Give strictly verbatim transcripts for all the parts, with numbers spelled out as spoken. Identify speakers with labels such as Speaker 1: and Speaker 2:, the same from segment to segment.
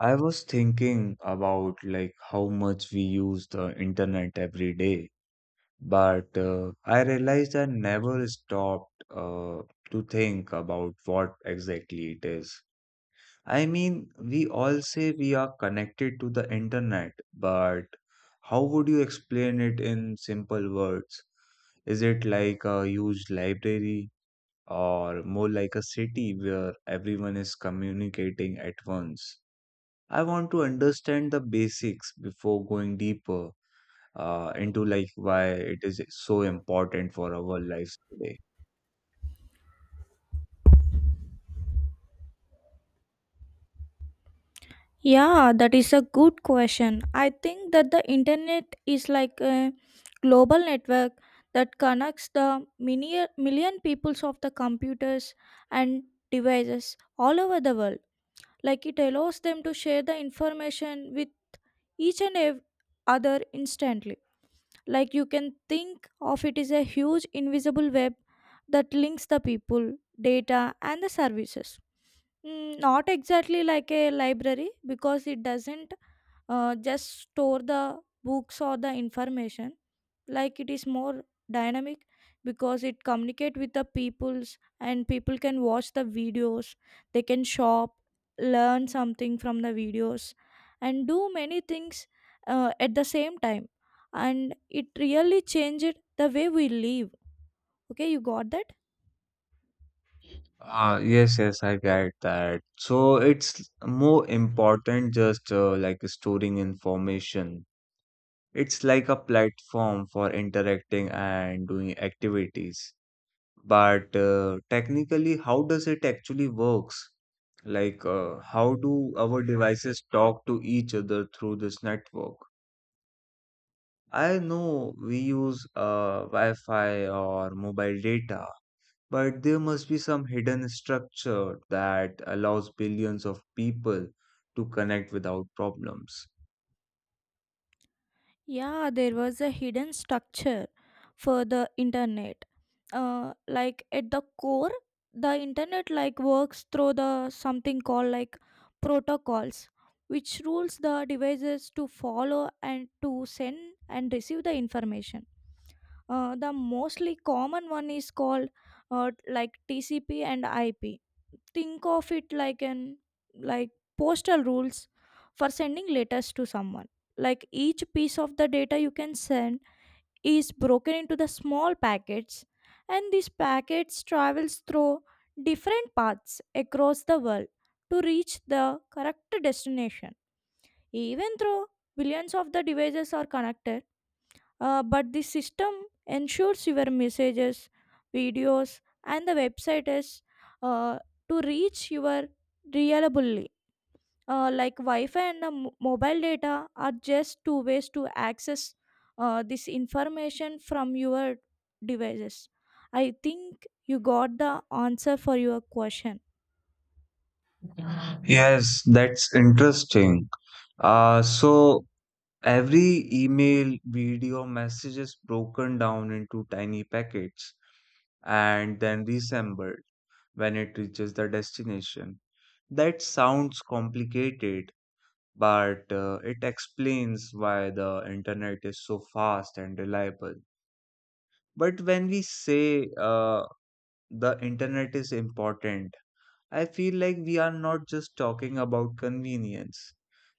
Speaker 1: I was thinking about like how much we use the internet every day, but uh, I realized I never stopped uh, to think about what exactly it is. I mean, we all say we are connected to the internet, but how would you explain it in simple words? Is it like a huge library or more like a city where everyone is communicating at once? I want to understand the basics before going deeper uh, into like why it is so important for our lives today.
Speaker 2: Yeah, that is a good question. I think that the internet is like a global network that connects the mini- million peoples of the computers and devices all over the world. Like it allows them to share the information with each and ev- other instantly. Like you can think of it as a huge invisible web that links the people, data, and the services. Mm, Not exactly like a library because it doesn't uh, just store the books or the information, like it is more dynamic because it communicate with the peoples, and people can watch the videos, they can shop, learn something from the videos, and do many things uh, at the same time, and it really changed the way we live. Okay, you got that?
Speaker 1: Ah yes, yes, I get that. So it's more important just uh, like storing information. It's like a platform for interacting and doing activities. But uh, technically, how does it actually works? Like, uh, how do our devices talk to each other through this network? I know we use uh, Wi-Fi or mobile data, but there must be some hidden structure that allows billions of people to connect without problems.
Speaker 2: Yeah, there was a hidden structure for the internet. Uh, like at the core, the internet like works through the something called like protocols, which rules the devices to follow and to send and receive the information. Uh, the mostly common one is called uh, like T C P and I P. Think of it like an like postal rules for sending letters to someone. Like each piece of the data you can send is broken into the small packets, and these packets travels through different paths across the world to reach the correct destination. Even though billions of the devices are connected, uh, but the system ensures your messages, videos, and the website is uh, to reach your reliably. Uh, like Wi-Fi and the mo- mobile data are just two ways to access uh, this information from your devices. I think you got the answer for your question.
Speaker 1: Yes, that's interesting. Uh, so every email, video, message is broken down into tiny packets and then reassembled when it reaches the destination. That sounds complicated, but uh, it explains why the internet is so fast and reliable. But when we say uh, the internet is important, I feel like we are not just talking about convenience.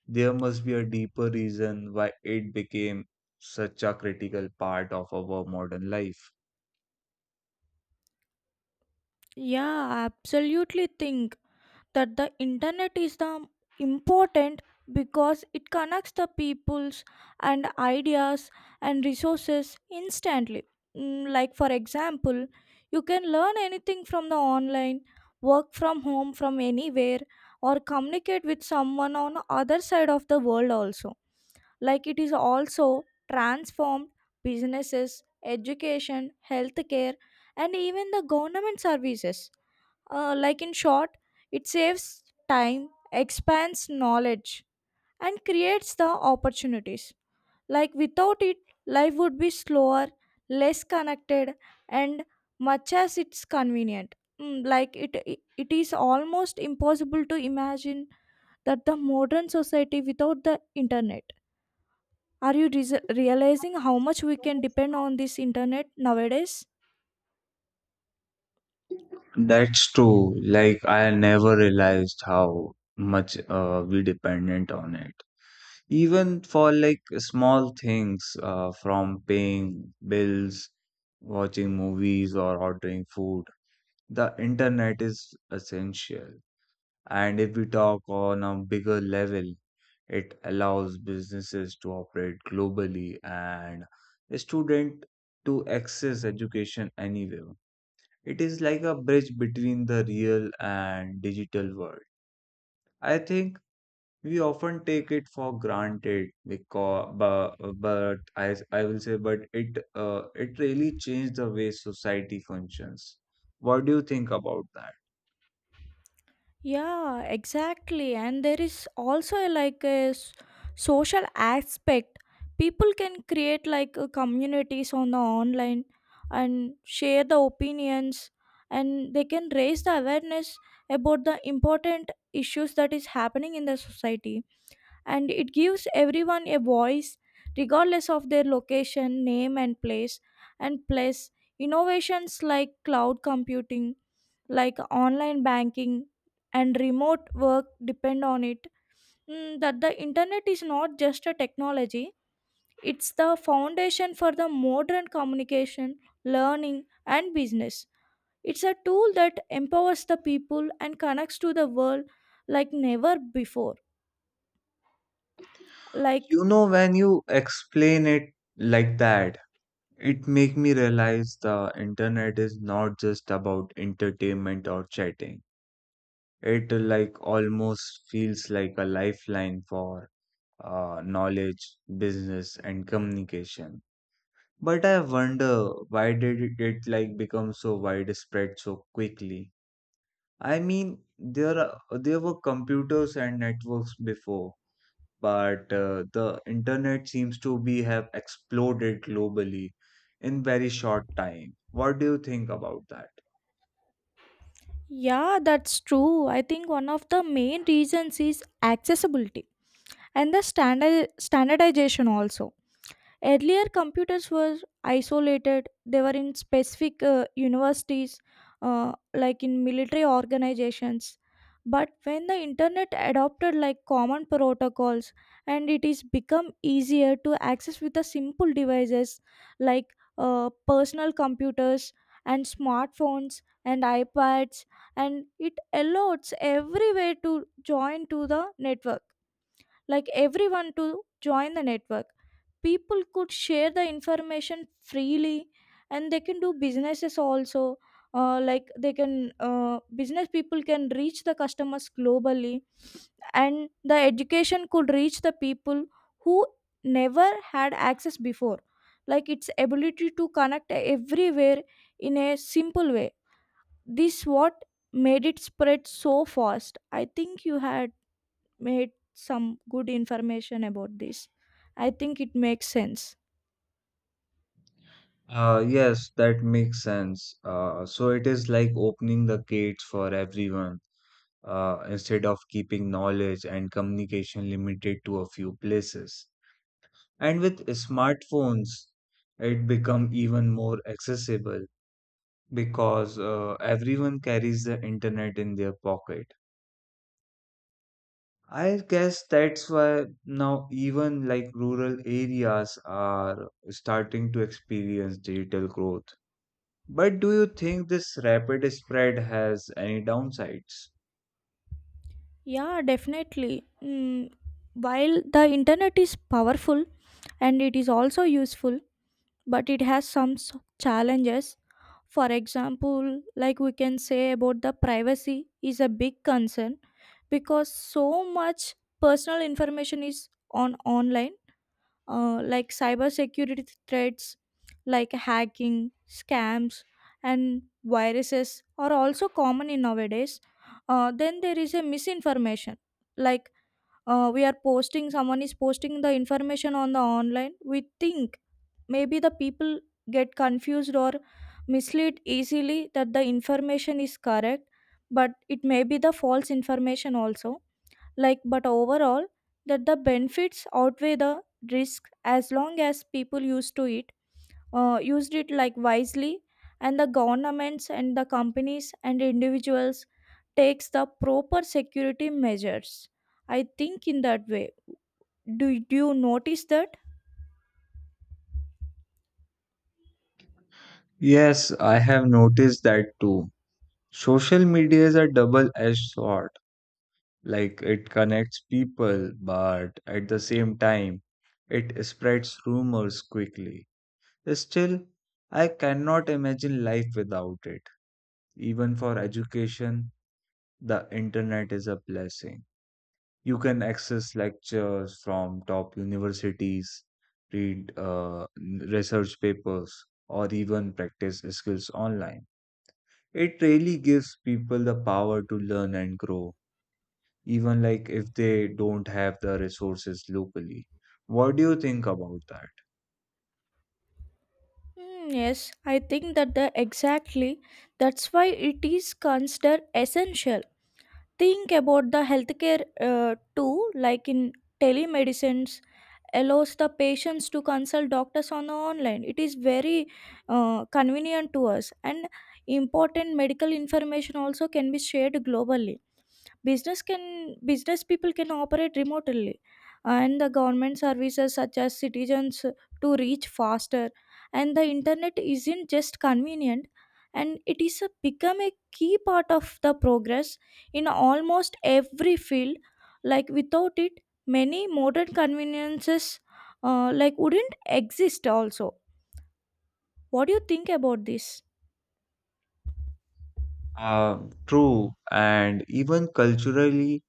Speaker 1: There must be a deeper reason why it became such a critical part of our modern life.
Speaker 2: Yeah, I absolutely think that the internet is the important because it connects the peoples and ideas and resources instantly. Mm, like for example, you can learn anything from the online, work from home from anywhere, or communicate with someone on other side of the world also. Like it is also transformed businesses, education, healthcare, and even the government services. Uh, like in short, it saves time, expands knowledge, and creates the opportunities. Like without it, life would be slower, less connected, and much as it's convenient. Mm, Like it, it it is almost impossible to imagine that the modern society without the internet. Are you res- realizing how much we can depend on this internet nowadays?
Speaker 1: That's true. Like, I never realized how much uh, we dependent on it, even for like small things, uh, from paying bills, watching movies, or ordering food. The internet is essential, and if we talk on a bigger level, it allows businesses to operate globally and a student to access education anywhere. It is like a bridge between the real and digital world. I think we often take it for granted because but, but I, I will say but it uh, it really changed the way society functions. What do you think about that?
Speaker 2: Yeah, exactly. And there is also a, like a s- social aspect. People can create like a communities on the online and share the opinions, and they can raise the awareness about the important issues that is happening in the society, and it gives everyone a voice regardless of their location, name, and place. And plus, innovations like cloud computing, like online banking, and remote work depend on it. Mm, that the internet is not just a technology, it's the foundation for the modern communication, learning, and business. It's a tool that empowers the people and connects to the world like never before. Like
Speaker 1: You know, when you explain it like that, it make me realize the internet is not just about entertainment or chatting. It like almost feels like a lifeline for uh, knowledge, business, and communication. But I wonder, why did it it, like become so widespread so quickly? I mean, there are, there were computers and networks before, but uh, the internet seems to be have exploded globally in very short time. What do you think about that?
Speaker 2: yeah, that's true. I think one of the main reasons is accessibility and the standard standardization also. Earlier, computers were isolated, they were in specific uh, universities, uh, like in military organizations. But when the internet adopted like common protocols, and it is become easier to access with the simple devices like uh, personal computers and smartphones and iPads, and it allows everywhere to join to the network, like everyone to join the network, people could share the information freely, and they can do businesses also. Uh, like they can uh, business people can reach the customers globally, and the education could reach the people who never had access before, like its ability to connect everywhere in a simple way, this what made it spread so fast. I think you had made some good information about this. I think it makes sense.
Speaker 1: Uh, yes, that makes sense. Uh, so it is like opening the gates for everyone, uh, instead of keeping knowledge and communication limited to a few places. And with smartphones, it become even more accessible because uh, everyone carries the internet in their pocket. I guess that's why now even like rural areas are starting to experience digital growth. But do you think this rapid spread has any downsides?
Speaker 2: Yeah, definitely. Mm, while the internet is powerful and it is also useful, but it has some s- challenges. For example, like we can say about the privacy is a big concern because so much personal information is on online, uh, like cybersecurity threats, like hacking, scams, and viruses are also common in nowadays. Uh, then there is a misinformation like, uh, we are posting, someone is posting the information on the online, we think maybe the people get confused or misled easily that the information is correct, but it may be the false information also. Like but overall, that the benefits outweigh the risk as long as people used to it, uh, used it like wisely, and the governments and the companies and individuals takes the proper security measures, I think in that way. Do, do you notice that?
Speaker 1: Yes, I have noticed that too. Social media is a double-edged sword. Like, it connects people, but at the same time, it spreads rumors quickly. Still, I cannot imagine life without it. Even for education, the internet is a blessing. You can access lectures from top universities, read uh, research papers, or even practice skills online. It really gives people the power to learn and grow even like if they don't have the resources locally. What do you think about that?
Speaker 2: Hmm, yes, I think that the exactly, that's why it is considered essential. Think about the healthcare uh, too, like in telemedicine's allows the patients to consult doctors on the online. It is very uh, convenient to us, and important medical information also can be shared globally. business can Business people can operate remotely, and the government services such as citizens to reach faster, and the internet isn't just convenient, and it is a become a key part of the progress in almost every field. Like without it, many modern conveniences uh, like wouldn't exist also. What do you think about this?
Speaker 1: Uh, true, and even culturally,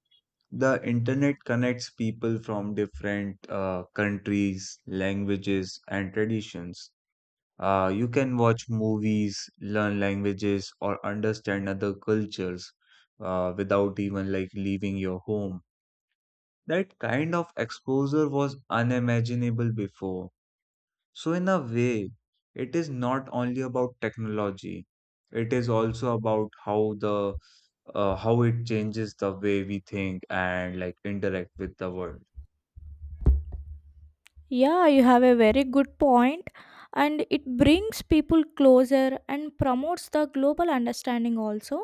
Speaker 1: the internet connects people from different uh, countries, languages, and traditions. Uh, you can watch movies, learn languages, or understand other cultures uh, without even like leaving your home. That kind of exposure was unimaginable before. So, in a way, it is not only about technology, it is also about how the uh, how it changes the way we think and like interact with the world.
Speaker 2: Yeah, you have a very good point, and it brings people closer and promotes the global understanding also,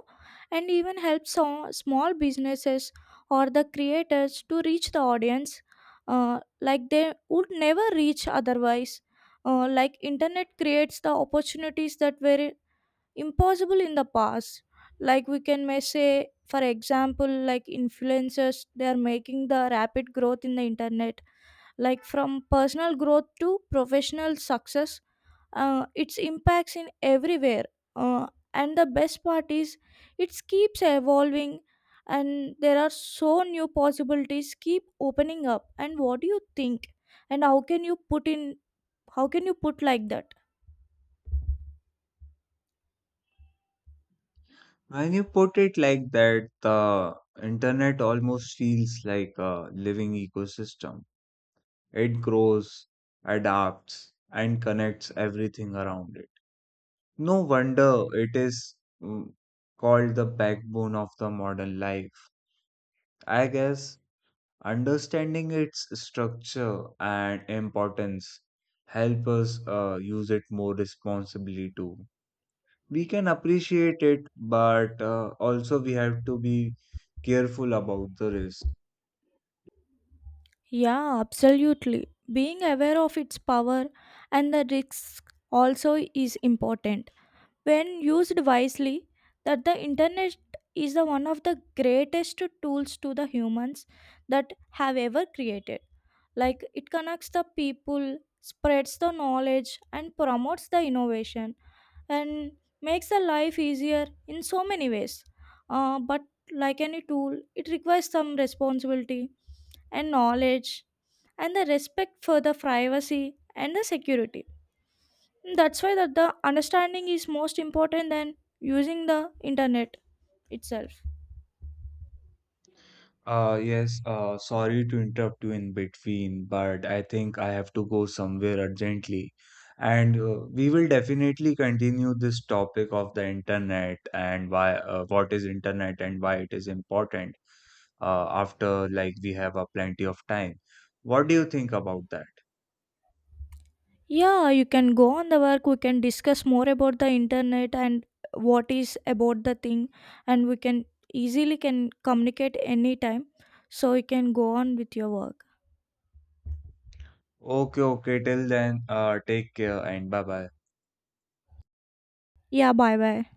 Speaker 2: and even helps so- small businesses or the creators to reach the audience uh, like they would never reach otherwise. Uh, like internet creates the opportunities that were impossible in the past. Like we can may say, for example, like influencers, they are making the rapid growth in the internet, like from personal growth to professional success. Uh, its impacts in everywhere, uh, and the best part is it keeps evolving and there are so new possibilities keep opening up. And what do you think and how can you put in how can you put like that?
Speaker 1: When you put it like that, the internet almost feels like a living ecosystem. It grows, adapts, and connects everything around it. No wonder it is mm, called the backbone of the modern life. I guess understanding its structure and importance help us uh, use it more responsibly too. We can appreciate it, but uh, also we have to be careful about the risk.
Speaker 2: Yeah, absolutely, being aware of its power and the risks also is important. When used wisely, that the internet is the one of the greatest tools to the humans that have ever created. Like it connects the people, spreads the knowledge and promotes the innovation, and makes the life easier in so many ways. Uh, but like any tool, it requires some responsibility and knowledge and the respect for the privacy and the security. That's why that the understanding is most important than using the internet itself.
Speaker 1: Uh, yes, uh, sorry to interrupt you in between, but I think I have to go somewhere urgently. And uh, we will definitely continue this topic of the internet and why, uh, what is internet and why it is important, uh, after like we have a plenty of time. What do you think about that?
Speaker 2: Yeah, you can go on the work, we can discuss more about the internet and what is about the thing, and we can easily can communicate anytime, so you can go on with your work.
Speaker 1: Okay, okay, till then, uh, take care and bye bye.
Speaker 2: Yeah, bye bye.